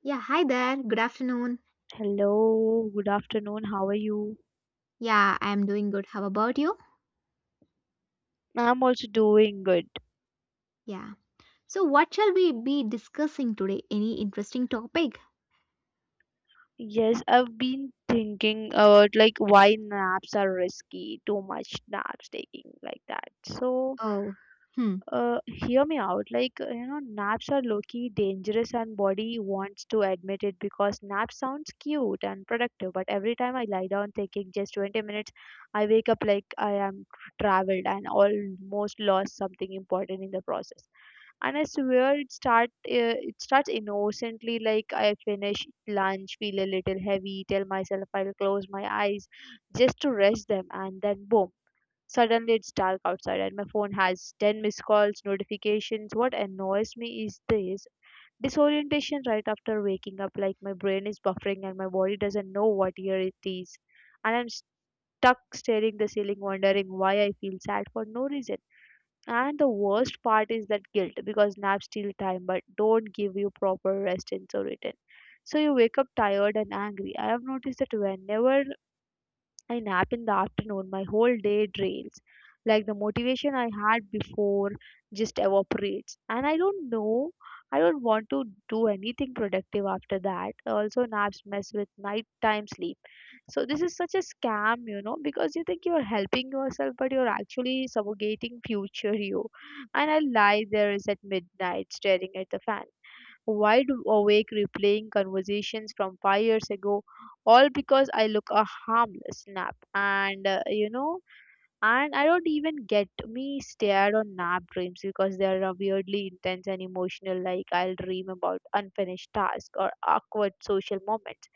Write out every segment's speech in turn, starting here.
Yeah, hi there. Good afternoon. Hello, good afternoon. How are you? Yeah, I'm doing good. How about you? I'm also doing good. Yeah. So, what shall we be discussing today? Any interesting topic? Yes, I've been thinking about like why naps are risky, too much naps taking like that. So, Oh, hmm. uh, hear me out. Like, you know, naps are low-key dangerous and body wants to admit it because nap sounds cute and productive, but every time I lie down taking just 20 minutes, I wake up like I am traveled and almost lost something important in the process, and I swear it starts innocently like I finish lunch, feel a little heavy, tell myself I'll close my eyes just to rest them, and then boom. Suddenly it's dark outside and my phone has 10 missed calls, notifications. What annoys me is this disorientation right after waking up, like my brain is buffering and my body doesn't know what year it is. And I'm stuck staring the ceiling wondering why I feel sad for no reason. And the worst part is that guilt because naps steal time but don't give you proper rest in so return. So you wake up tired and angry. I have noticed that whenever I nap in the afternoon, my whole day drains. Like the motivation I had before just evaporates. And I don't know, I don't want to do anything productive after that. Also, naps mess with nighttime sleep. So, this is such a scam, you know, because you think you're helping yourself, but you're actually suffocating future you. And I lie there is at midnight staring at the fan wide awake replaying conversations from 5 years ago, all because I look a harmless nap. And I don't even get me stared on nap dreams because they are weirdly intense and emotional. Like I'll dream about unfinished tasks or awkward social moments,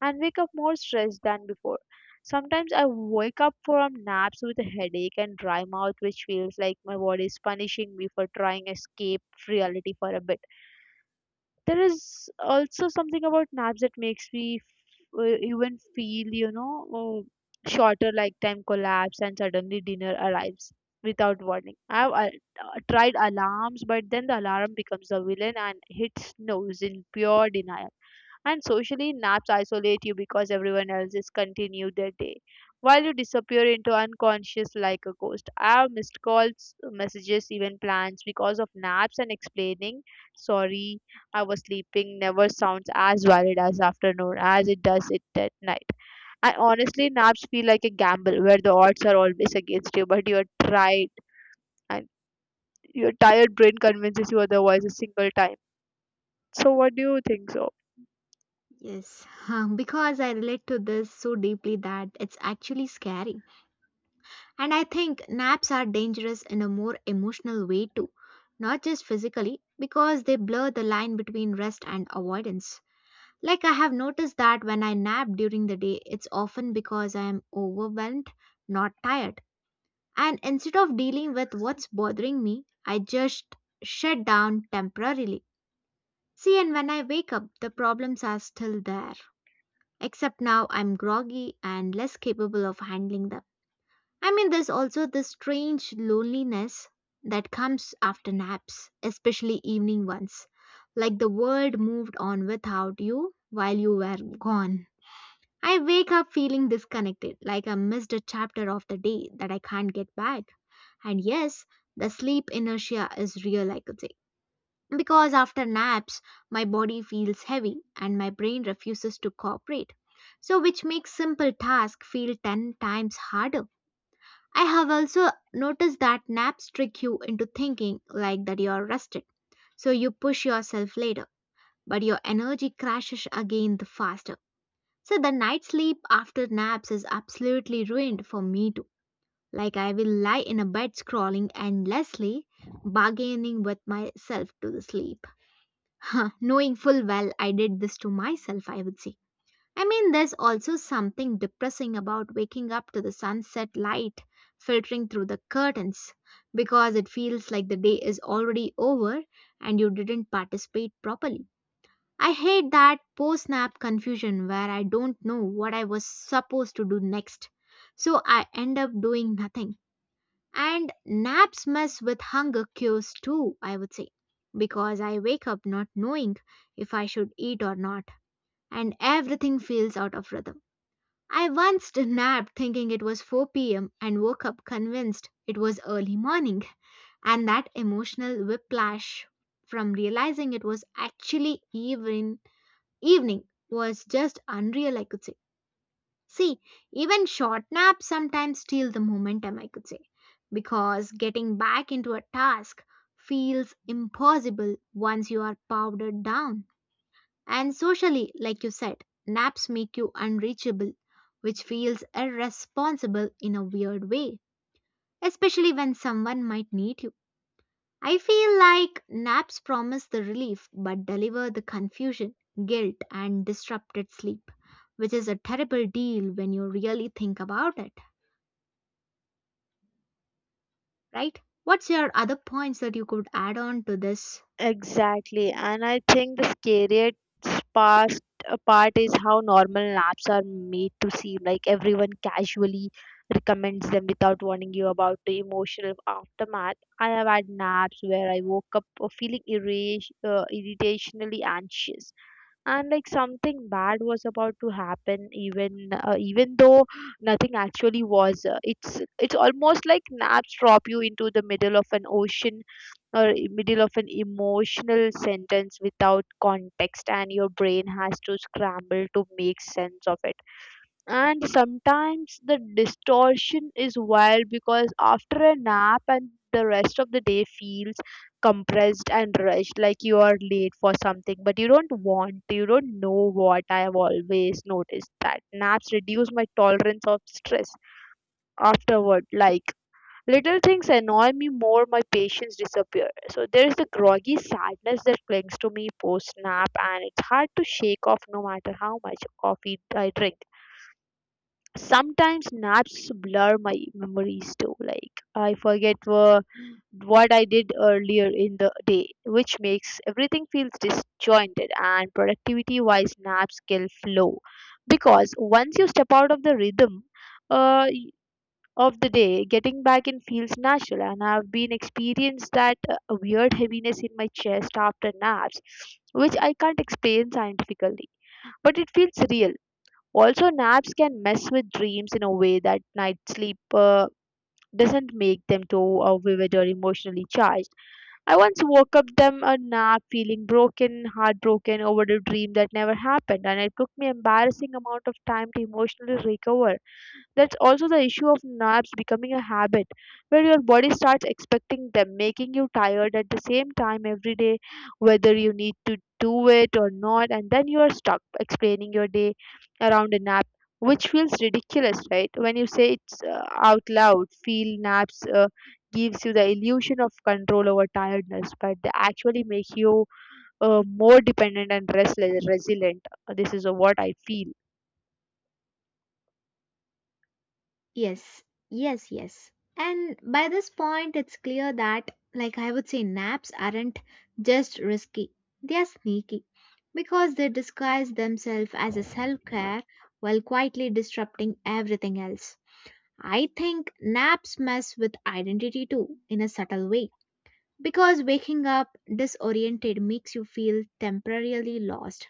and wake up more stressed than before. Sometimes I wake up from naps with a headache and dry mouth, which feels like my body is punishing me for trying escape reality for a bit. There is also something about naps that makes me even feel, shorter like time collapse and suddenly dinner arrives without warning. I've tried alarms, but then the alarm becomes the villain and hits snooze in pure denial. And socially, naps isolate you because everyone else is continue their day, while you disappear into unconscious like a ghost. I have missed calls, messages, even plans because of naps, and explaining sorry our sleeping never sounds as valid as afternoon as it does it at night. And honestly, naps feel like a gamble where the odds are always against you, but you're tried and your tired brain convinces you otherwise a single time. So what do you think so? Yes, huh, because I relate to this so deeply that it's actually scary. And I think naps are dangerous in a more emotional way too, not just physically, because they blur the line between rest and avoidance. Like, I have noticed that when I nap during the day, it's often because I am overwhelmed, not tired. And instead of dealing with what's bothering me, I just shut down temporarily. See, and when I wake up, the problems are still there. Except now I'm groggy and less capable of handling them. I mean, there's also this strange loneliness that comes after naps, especially evening ones. Like the world moved on without you while you were gone. I wake up feeling disconnected, like I missed a chapter of the day that I can't get back. And yes, the sleep inertia is real, I could say. Because after naps, my body feels heavy and my brain refuses to cooperate. So, which makes simple tasks feel 10 times harder. I have also noticed that naps trick you into thinking like that you are rested. So, you push yourself later, but your energy crashes again the faster. So, the night sleep after naps is absolutely ruined for me too. Like I will lie in a bed scrolling endlessly, bargaining with myself to sleep. Knowing full well I did this to myself, I would say. I mean, there's also something depressing about waking up to the sunset light filtering through the curtains because it feels like the day is already over and you didn't participate properly. I hate that post snap confusion where I don't know what I was supposed to do next. So I end up doing nothing, and naps mess with hunger cues too, I would say, because I wake up not knowing if I should eat or not, and everything feels out of rhythm. I once napped thinking it was 4 p.m. and woke up convinced it was early morning, and that emotional whiplash from realizing it was actually even evening was just unreal, I could say. See, even short naps sometimes steal the momentum, I could say, because getting back into a task feels impossible once you are powdered down. And socially, like you said, naps make you unreachable, which feels irresponsible in a weird way, especially when someone might need you. I feel like naps promise the relief but deliver the confusion, guilt, and disrupted sleep, which is a terrible deal when you really think about it, right? What's your other points that you could add on to this? Exactly, and I think the scariest part, part is how normal apps are made to seem like everyone casually recommends them without warning you about the emotional aftermath. I have had naps where I woke up feeling irritationally anxious and like something bad was about to happen, even though nothing actually was. It's almost like naps drop you into the middle of an ocean or middle of an emotional sentence without context, and your brain has to scramble to make sense of it. And sometimes the distortion is wild because after a nap, and the rest of the day feels compressed and rushed, like you are late for something, but you don't want to, you don't know what. I have always noticed that naps reduce my tolerance of stress afterward. Like little things annoy me more, my patience disappears. So there is the groggy sadness that clings to me post nap, and it's hard to shake off no matter how much coffee I drink. Sometimes naps blur my memories too, like I forget what I did earlier in the day, which makes everything feels disjointed. And productivity wise, naps kill flow because once you step out of the rhythm uh, y- of the day, getting back in feels natural. And I've been experienced that weird heaviness in my chest after naps, which I can't explain scientifically, but it feels real. Also, naps can mess with dreams in a way that night sleep doesn't make them too vivid or emotionally charged. I once woke up them a nap feeling broken, heartbroken over a dream that never happened, and it took me embarrassing amount of time to emotionally recover. That's also the issue of naps becoming a habit where your body starts expecting them, making you tired at the same time every day, whether you need to do it or not. And then you are stuck explaining your day around a nap, which feels ridiculous, right? When you say it's out loud, feel naps gives you the illusion of control over tiredness, but they actually make you more dependent and restless, resilient. This is what I feel. Yes, yes, yes. And by this point, it's clear that, like I would say, naps aren't just risky, they are sneaky because they disguise themselves as a self care while quietly disrupting everything else. I think naps mess with identity too, in a subtle way. Because waking up disoriented makes you feel temporarily lost,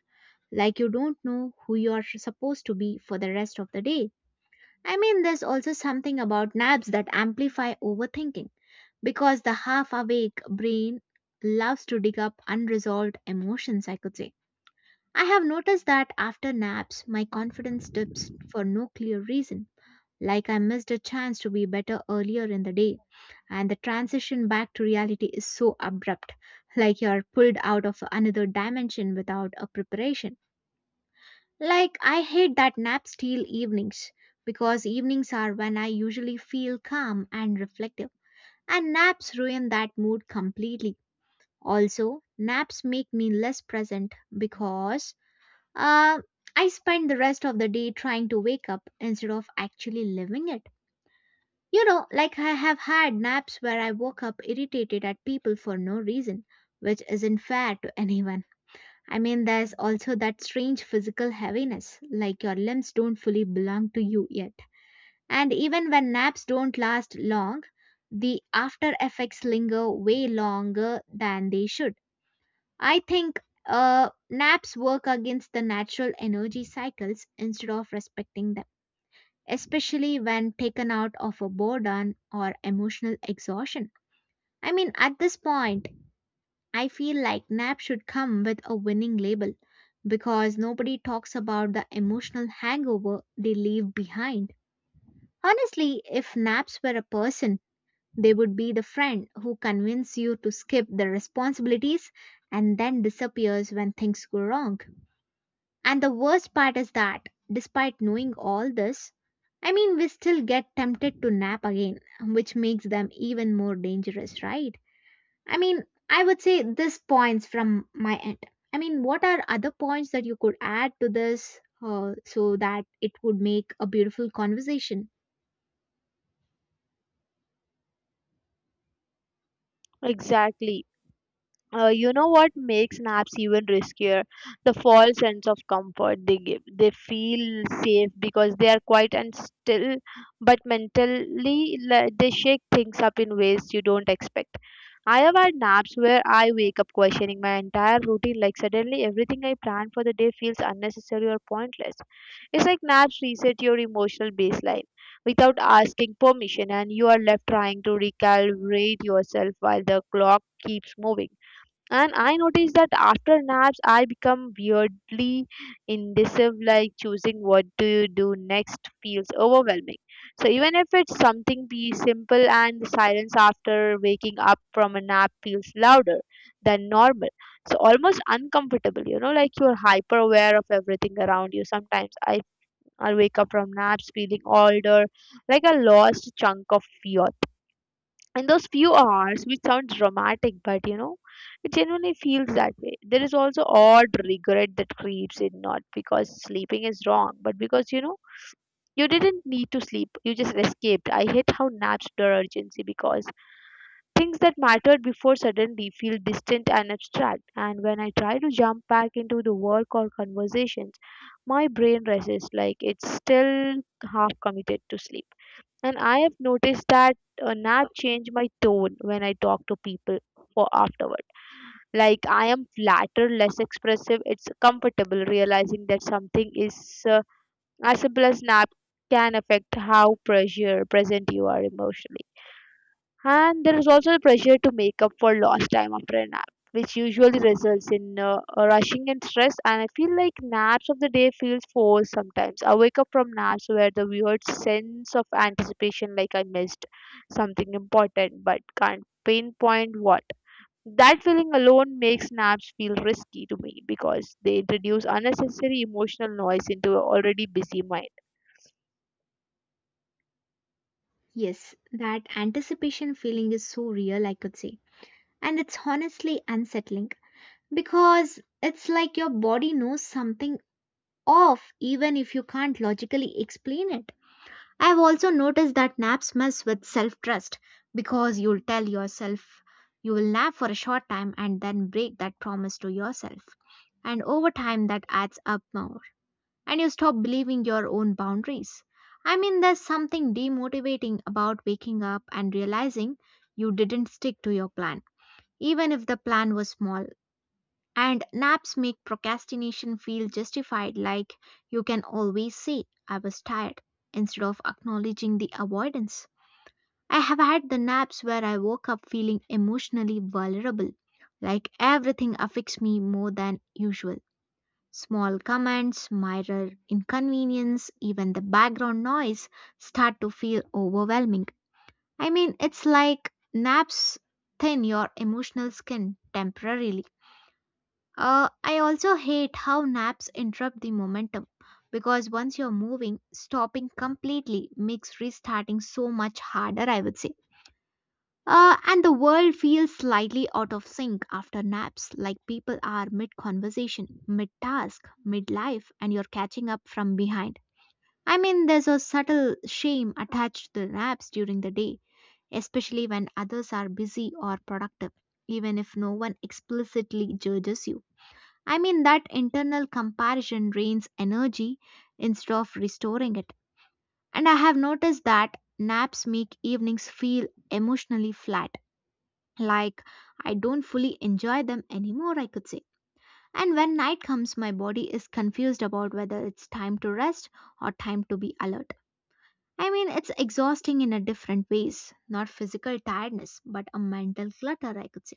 like you don't know who you are supposed to be for the rest of the day. I mean, there's also something about naps that amplify overthinking, because the half awake brain loves to dig up unresolved emotions, I could say. I have noticed that after naps, my confidence dips for no clear reason, like I missed a chance to be better earlier in the day. And the transition back to reality is so abrupt, like you're pulled out of another dimension without a preparation. Like, I hate that nap steal evenings because evenings are when I usually feel calm and reflective, and naps ruin that mood completely. Also, naps make me less present because uh, I spend the rest of the day trying to wake up instead of actually living it. You know, like I have had naps where I woke up irritated at people for no reason, which isn't fair to anyone. I mean, there's also that strange physical heaviness, like your limbs don't fully belong to you yet. And even when naps don't last long, the after effects linger way longer than they should. I think naps work against the natural energy cycles instead of respecting them, especially when taken out of a boredom or emotional exhaustion. I mean, at this point, I feel like nap should come with a winning label because nobody talks about the emotional hangover they leave behind. Honestly, if naps were a person, they would be the friend who convinces you to skip the responsibilities and then disappears when things go wrong. And the worst part is that, despite knowing all this, I mean, we still get tempted to nap again, which makes them even more dangerous, right? I mean, I would say this points from my end. I mean, what are other points that you could add to this so that it would make a beautiful conversation? Exactly. You know what makes naps even riskier? The false sense of comfort they give. They feel safe because they are quiet and still, but mentally they shake things up in ways you don't expect. I have had naps where I wake up questioning my entire routine, like suddenly everything I planned for the day feels unnecessary or pointless. It's like naps reset your emotional baseline without asking permission, and you are left trying to recalibrate yourself while the clock keeps moving. And I noticed that after naps, I become weirdly indecisive, like choosing what to do next feels overwhelming. So, even if it's something be simple, and the silence after waking up from a nap feels louder than normal. So, almost uncomfortable, you know, like you're hyper aware of everything around you. Sometimes I wake up from naps feeling older, like a lost chunk of fear in those few hours, which sounds dramatic, but you know it genuinely feels that way. There is also odd regret that creeps in, not because sleeping is wrong, but because you know you didn't need to sleep, you just escaped. I hate how naps blur urgency because things that mattered before suddenly feel distant and abstract, and when I try to jump back into the work or conversations, my brain resists like it's still half committed to sleep. And I have noticed that nap change my tone when I talk to people for afterward. Like I am flatter, less expressive. It's comfortable realizing that something is uh, as simple as nap can affect how pressure present you are emotionally. And there is also the pressure to make up for lost time after a nap, which usually results in rushing and stress. And I feel like naps of the day feels forced sometimes. I wake up from naps where the weird sense of anticipation, like I missed something important, but can't pinpoint what. That feeling alone makes naps feel risky to me because they introduce unnecessary emotional noise into an already busy mind. Yes, that anticipation feeling is so real, I could say. And it's honestly unsettling because it's like your body knows something off even if you can't logically explain it. I've also noticed that naps mess with self trust because you'll tell yourself you will nap for a short time and then break that promise to yourself. And over time, that adds up more, and you stop believing your own boundaries. I mean, there's something demotivating about waking up and realizing you didn't stick to your plan, even if the plan was small, and naps make procrastination feel justified, like you can always say, I was tired, instead of acknowledging the avoidance. I have had the naps where I woke up feeling emotionally vulnerable, like everything affects me more than usual. Small comments, minor inconvenience, even the background noise start to feel overwhelming. I mean, it's like naps thin your emotional skin temporarily. I also hate how naps interrupt the momentum because once you're moving, stopping completely makes restarting so much harder, I would say. And the world feels slightly out of sync after naps, like people are mid conversation, mid task, mid life, and you're catching up from behind. I mean, there's a subtle shame attached to naps during the day, especially when others are busy or productive, even if no one explicitly judges you. I mean, that internal comparison drains energy instead of restoring it. And I have noticed that naps make evenings feel emotionally flat, like I don't fully enjoy them anymore, I could say. And when night comes, my body is confused about whether it's time to rest or time to be alert. I mean, it's exhausting in a different ways, not physical tiredness, but a mental clutter, I could say.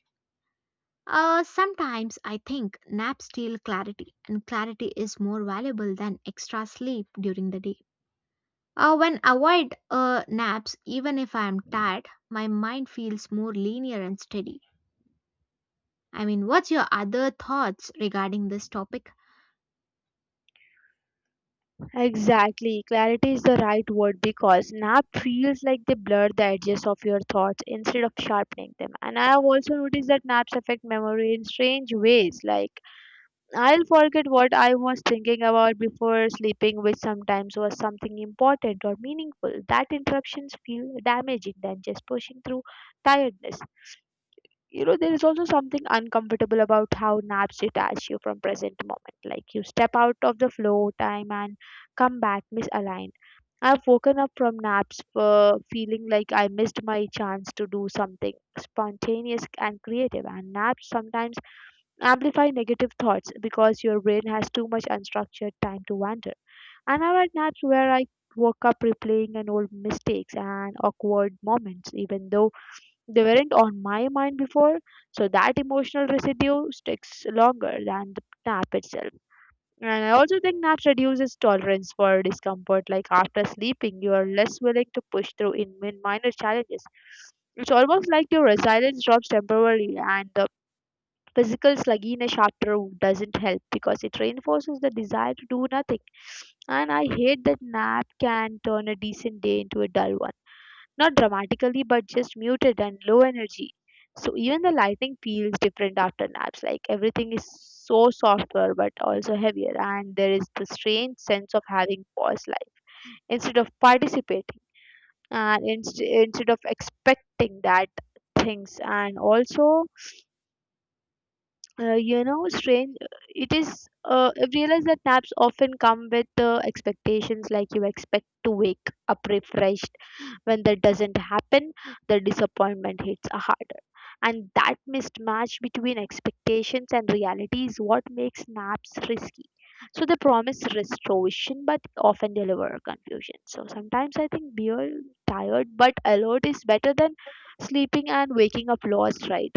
Sometimes I think naps steal clarity, and clarity is more valuable than extra sleep during the day. When avoid naps, even if I am tired, my mind feels more linear and steady. I mean, what's your other thoughts regarding this topic? Exactly. Clarity is the right word because nap feels like they blur the edges of your thoughts instead of sharpening them. And I have also noticed that naps affect memory in strange ways. Like, I'll forget what I was thinking about before sleeping, which sometimes was something important or meaningful. That interruptions feel damaging than just pushing through tiredness. You know, there is also something uncomfortable about how naps detach you from present moment, like you step out of the flow time and come back misaligned. I've woken up from naps feeling like I missed my chance to do something spontaneous and creative. And naps sometimes amplify negative thoughts because your brain has too much unstructured time to wander, and I've had naps where I woke up replaying an old mistakes and awkward moments even though they weren't on my mind before, so that emotional residue sticks longer than the nap itself. And I also think nap reduces tolerance for discomfort. Like after sleeping, you are less willing to push through in minor challenges. It's almost like your resilience drops temporarily, and the physical sluggishness after doesn't help because it reinforces the desire to do nothing. And I hate that nap can turn a decent day into a dull one. Not dramatically, but just muted and low energy. So even the lighting feels different after naps. Like everything is so softer, but also heavier. And there is the strange sense of having paused life instead of participating and instead of expecting that things. And also, strange it is. I've realized that naps often come with expectations, like you expect to wake up refreshed. When that doesn't happen, the disappointment hits harder, and that mismatch between expectations and reality is what makes naps risky. So they promise restoration but often deliver confusion. So sometimes I think being tired but alert is better than sleeping and waking up lost, right?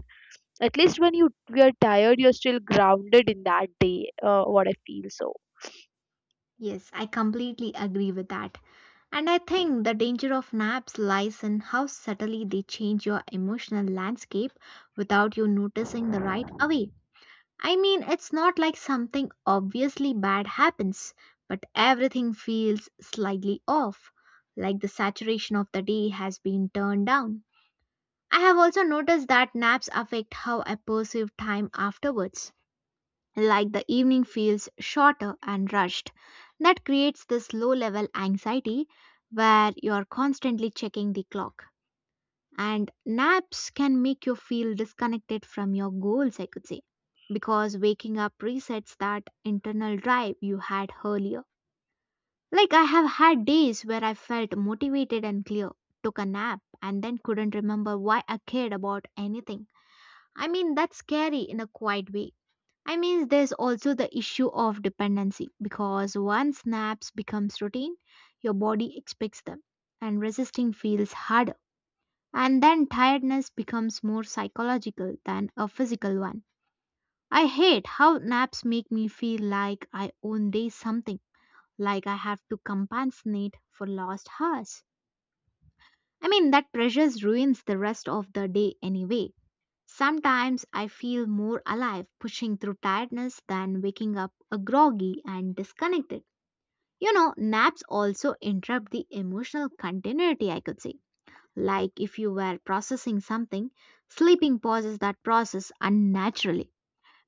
At least when you we are tired, you're still grounded in that day. What I feel so. Yes, I completely agree with that. And I think the danger of naps lies in how subtly they change your emotional landscape without you noticing the right away. I mean, it's not like something obviously bad happens, but everything feels slightly off, like the saturation of the day has been turned down. I have also noticed that naps affect how I perceive time afterwards, like the evening feels shorter and rushed. That creates this low level anxiety where you're constantly checking the clock. And naps can make you feel disconnected from your goals, I could say, because waking up resets that internal drive you had earlier. Like, I have had days where I felt motivated and clear, took a nap, and then couldn't remember why I cared about anything. I mean, that's scary in a quiet way. I mean, there's also the issue of dependency because once naps becomes routine, your body expects them, and resisting feels hard, and then tiredness becomes more psychological than a physical one. I hate how naps make me feel like I own day something, like I have to compensate for lost hours. I mean, that pressure ruins the rest of the day anyway. Sometimes I feel more alive pushing through tiredness than waking up a groggy and disconnected. You know, naps also interrupt the emotional continuity, I could say, like if you were processing something, sleeping pauses that process unnaturally.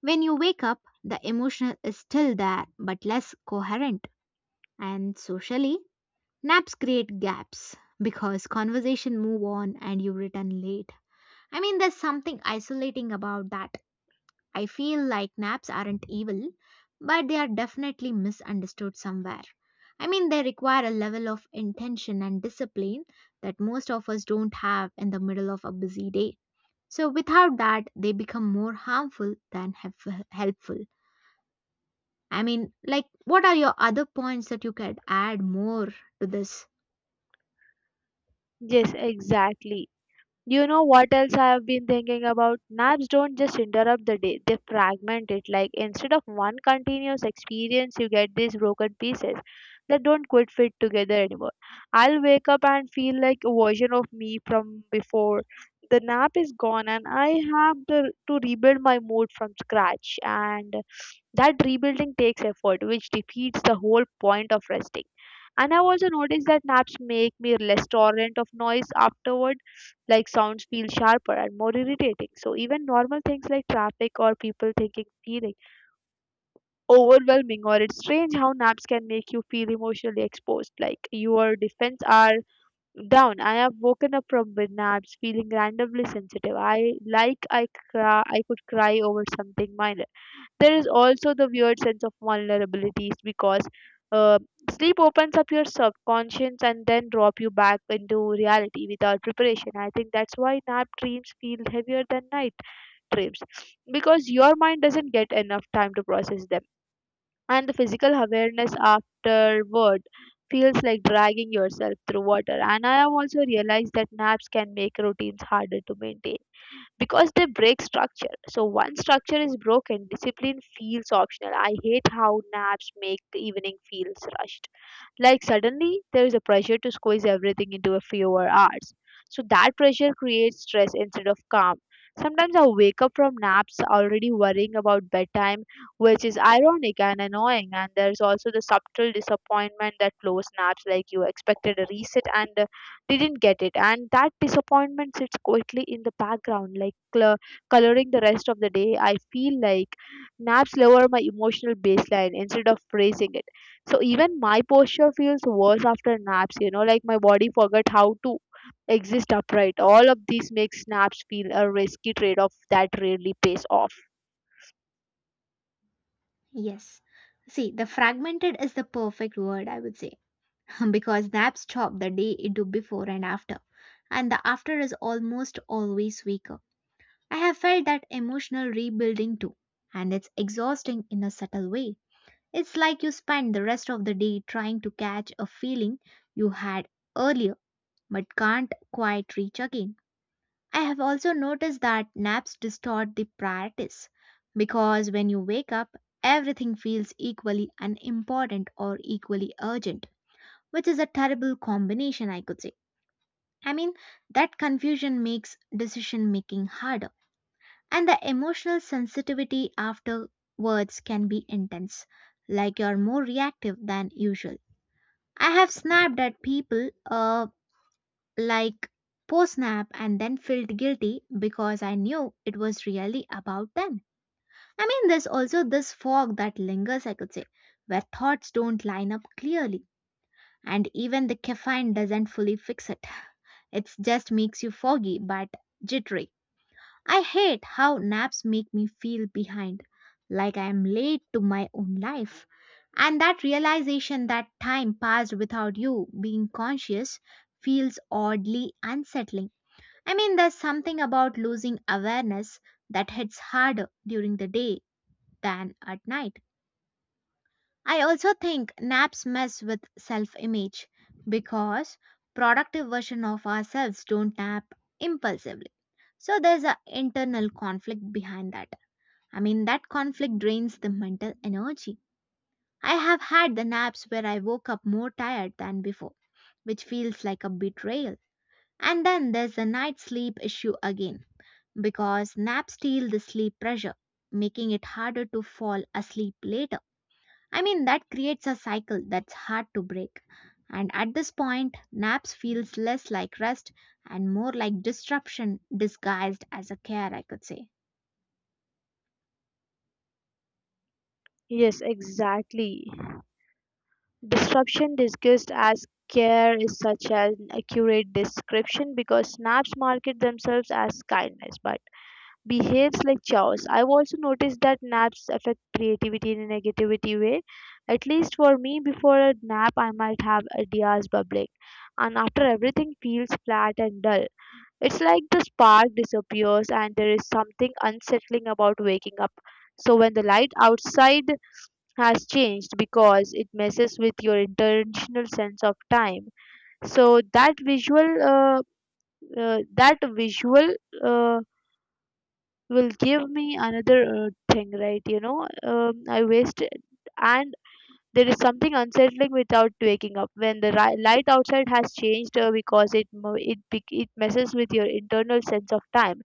When you wake up, the emotion is still there but less coherent. And socially, naps create gaps because conversation move on and you return late. I mean, there's something isolating about that. I feel like naps aren't evil, but they are definitely misunderstood somewhere. I mean, they require a level of intention and discipline that most of us don't have in the middle of a busy day. So, without that, they become more harmful than helpful. Helpful. I mean, like, what are your other points that you could add more to this? Yes, exactly. You know what else I have been thinking about? Naps don't just interrupt the day, they fragment it. Like instead of one continuous experience, you get these broken pieces that don't quite fit together anymore. I'll wake up and feel like a version of me from before the nap is gone, and I have to rebuild my mood from scratch, and that rebuilding takes effort, which defeats the whole point of resting. And I've also noticed that naps make me less tolerant of noise afterward. Like sounds feel sharper and more irritating, so even normal things like traffic or people thinking feeling overwhelming. Or it's strange how naps can make you feel emotionally exposed, like your defense are down. I have woken up from with naps feeling randomly sensitive. I like i cry I could cry over something minor. There is also the weird sense of vulnerabilities, because uh, sleep opens up your subconscious and then drop you back into reality without preparation. I think that's why nap dreams feel heavier than night dreams, because your mind doesn't get enough time to process them. And the physical awareness afterward feels like dragging yourself through water. And I have also realized that naps can make routines harder to maintain because they break structure. So once structure is broken, discipline feels optional. I hate how naps make the evening feels rushed. Like suddenly there is a pressure to squeeze everything into a fewer hours. So that pressure creates stress instead of calm. Sometimes I wake up from naps already worrying about bedtime, which is ironic and annoying. And there's also the subtle disappointment that close naps, like you expected a reset and didn't get it, and that disappointment sits quietly in the background, like coloring the rest of the day. I feel like naps lower my emotional baseline instead of raising it. So even my posture feels worse after naps, you know, like my body forgot how to exist upright. All of these makes naps feel a risky trade-off that rarely pays off. Yes. See, the fragmented is the perfect word, I would say. because that chopped the day into before and after, and the after is almost always weaker. I have felt that emotional rebuilding too, and it's exhausting in a subtle way. It's like you spend the rest of the day trying to catch a feeling you had earlier but can't quite reach again. I have also noticed that naps distort the priorities because when you wake up, everything feels equally unimportant or equally urgent which is a terrible combination, I could say. I mean, that confusion makes decision making harder, and the emotional sensitivity afterwards can be intense, like you're more reactive than usual. I have snapped at people, like post snap, and then felt guilty because I knew it was really about them. I mean, there's also this fog that lingers, I could say, where thoughts don't line up clearly, and even the caffeine doesn't fully fix it. It just makes you foggy but jittery. I hate how naps make me feel behind, like I am late to my own life. And that realization that time passed without you being conscious feels oddly unsettling. I mean, there's something about losing awareness that hits harder during the day than at night. I also think naps mess with self image because productive version of ourselves don't nap impulsively. So there's an internal conflict behind that. I mean, that conflict drains the mental energy. I have had the naps where I woke up more tired than before, which feels like a betrayal. And then there's the night sleep issue again because naps steal the sleep pressure, making it harder to fall asleep later. I mean, that creates a cycle that's hard to break. And at this point, naps feels less like rest and more like disruption disguised as a care, I could say. Yes, exactly. Disruption discussed as care is such an accurate description, because naps market themselves as kindness but behaves like chaos. I've also noticed that naps affect creativity in a negativity way. At least for me, before a nap, I might have ideas bubbling, and after, everything feels flat and dull. It's like the spark disappears, and there is something unsettling about waking up. So when the light outside has changed, because it messes with your intentional sense of time. So that visual uh, will give me another thing, right? I wasted. And there is something unsettling without waking up when the light outside has changed, because it mo- it bec- it messes with your internal sense of time.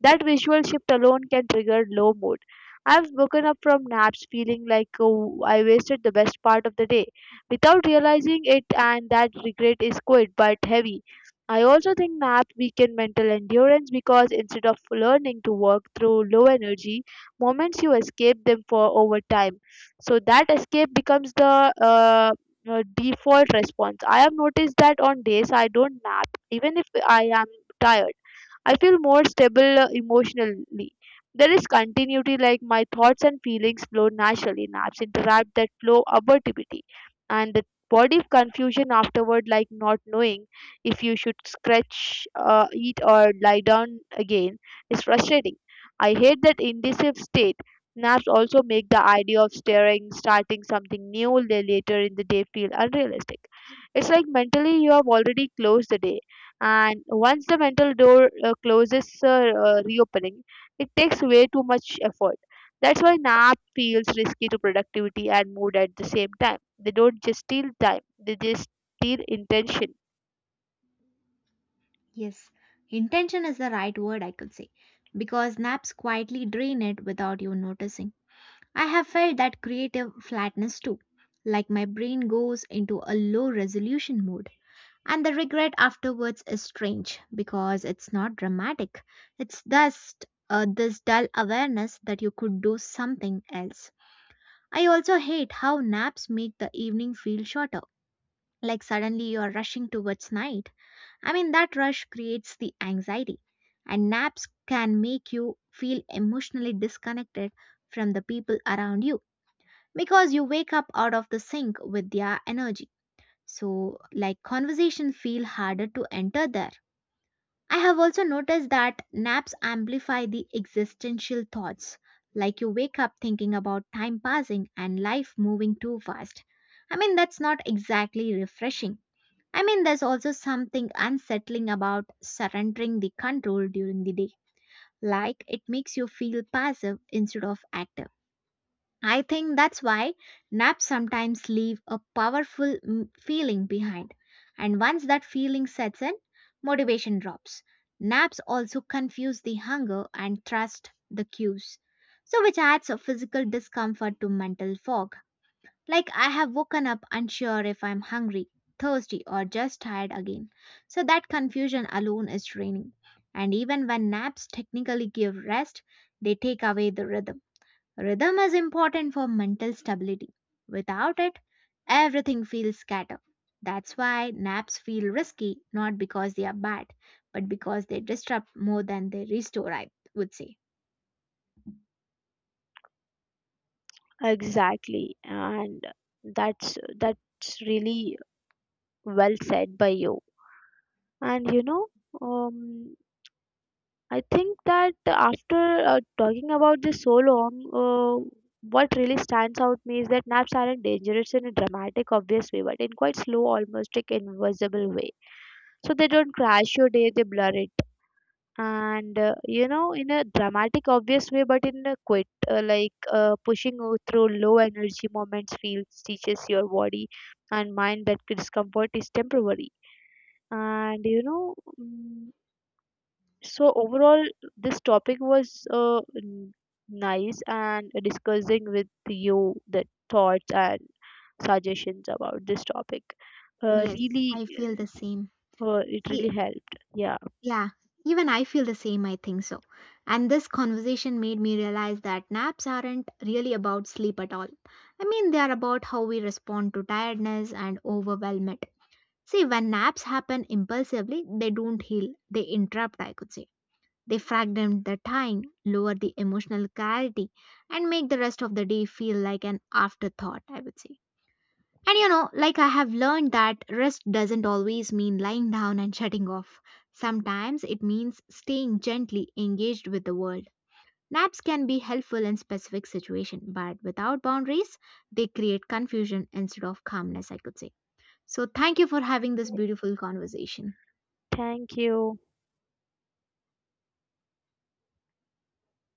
That visual shift alone can trigger low mood. I've woken up from naps feeling like, oh, I wasted the best part of the day without realizing it, and that regret is quite but heavy. I also think naps weaken mental endurance, because instead of learning to work through low energy moments, you escape them for over time. So that escape becomes the default response. I have noticed that on days I don't nap, even if I am tired, I feel more stable emotionally. There is continuity, like my thoughts and feelings flow naturally. Naps interrupt that flow abortivity, and the body confusion afterward, like not knowing if you should scratch, eat, or lie down again, is frustrating. I hate that indecisive state. Naps also make the idea of staring, starting something new later in the day feel unrealistic. It's like mentally you have already closed the day, and once the mental door closes, reopening it takes way too much effort. That's why nap feels risky to productivity and mood at the same time. They don't just steal time, they just steal intention. Yes, intention is the right word, I could say, because naps quietly drain it without you noticing. I have felt that creative flatness too, like my brain goes into a low resolution mode. And the regret afterwards is strange because it's not dramatic. It's just this dull awareness that you could do something else. I also hate how naps make the evening feel shorter, like suddenly you're rushing towards night. I mean, that rush creates the anxiety, and naps can make you feel emotionally disconnected from the people around you because you wake up out of the sync with their energy. So, like, conversation feel harder to enter there I have also noticed that naps amplify the existential thoughts, like you wake up thinking about time passing and life moving too fast. I mean, that's not exactly refreshing. I mean, there's also something unsettling about surrendering the control during the day, like it makes you feel passive instead of active. I think that's why naps sometimes leave a powerful feeling behind. And once that feeling sets in, motivation drops. Naps also confuse the hunger and trust the cues. So, which adds a physical discomfort to mental fog. Like, I have woken up unsure if I'm hungry, thirsty, or just tired again. So, that confusion alone is draining. And even when naps technically give rest, they take away the rhythm. Rhythm is important for mental stability. Without it, everything feels scattered. That's why naps feel risky, not because they are bad, but because they disrupt more than they restore, I would say. Exactly, and that's really well said by you. And you know, um, I think that after talking about this so long, uh, what really stands out me is that naps aren't dangerous in a dramatic, obvious way, but in quite slow, almost like invisible way. So they don't crash your day, they blur it. And in a dramatic, obvious way, but in a quit, pushing through low energy moments, feels teaches your body and mind that discomfort is temporary, and you know. So overall, this topic was nice, and discussing with you the thoughts and suggestions about this topic Yes, really I feel the same. It See, really helped. Yeah. yeah, even I feel the same, I think so. And this conversation made me realize that naps aren't really about sleep at all. I mean, they are about how we respond to tiredness and overwhelm. See, when naps happen impulsively, they don't heal, they interrupt, I could say. They fragment the time, lower the emotional clarity, and make the rest of the day feel like an afterthought, I would say. And you know, like I have learned that rest doesn't always mean lying down and shutting off. Sometimes it means staying gently engaged with the world. Naps can be helpful in specific situations, but without boundaries, they create confusion instead of calmness, I could say. So, thank you for having this beautiful conversation. Thank you.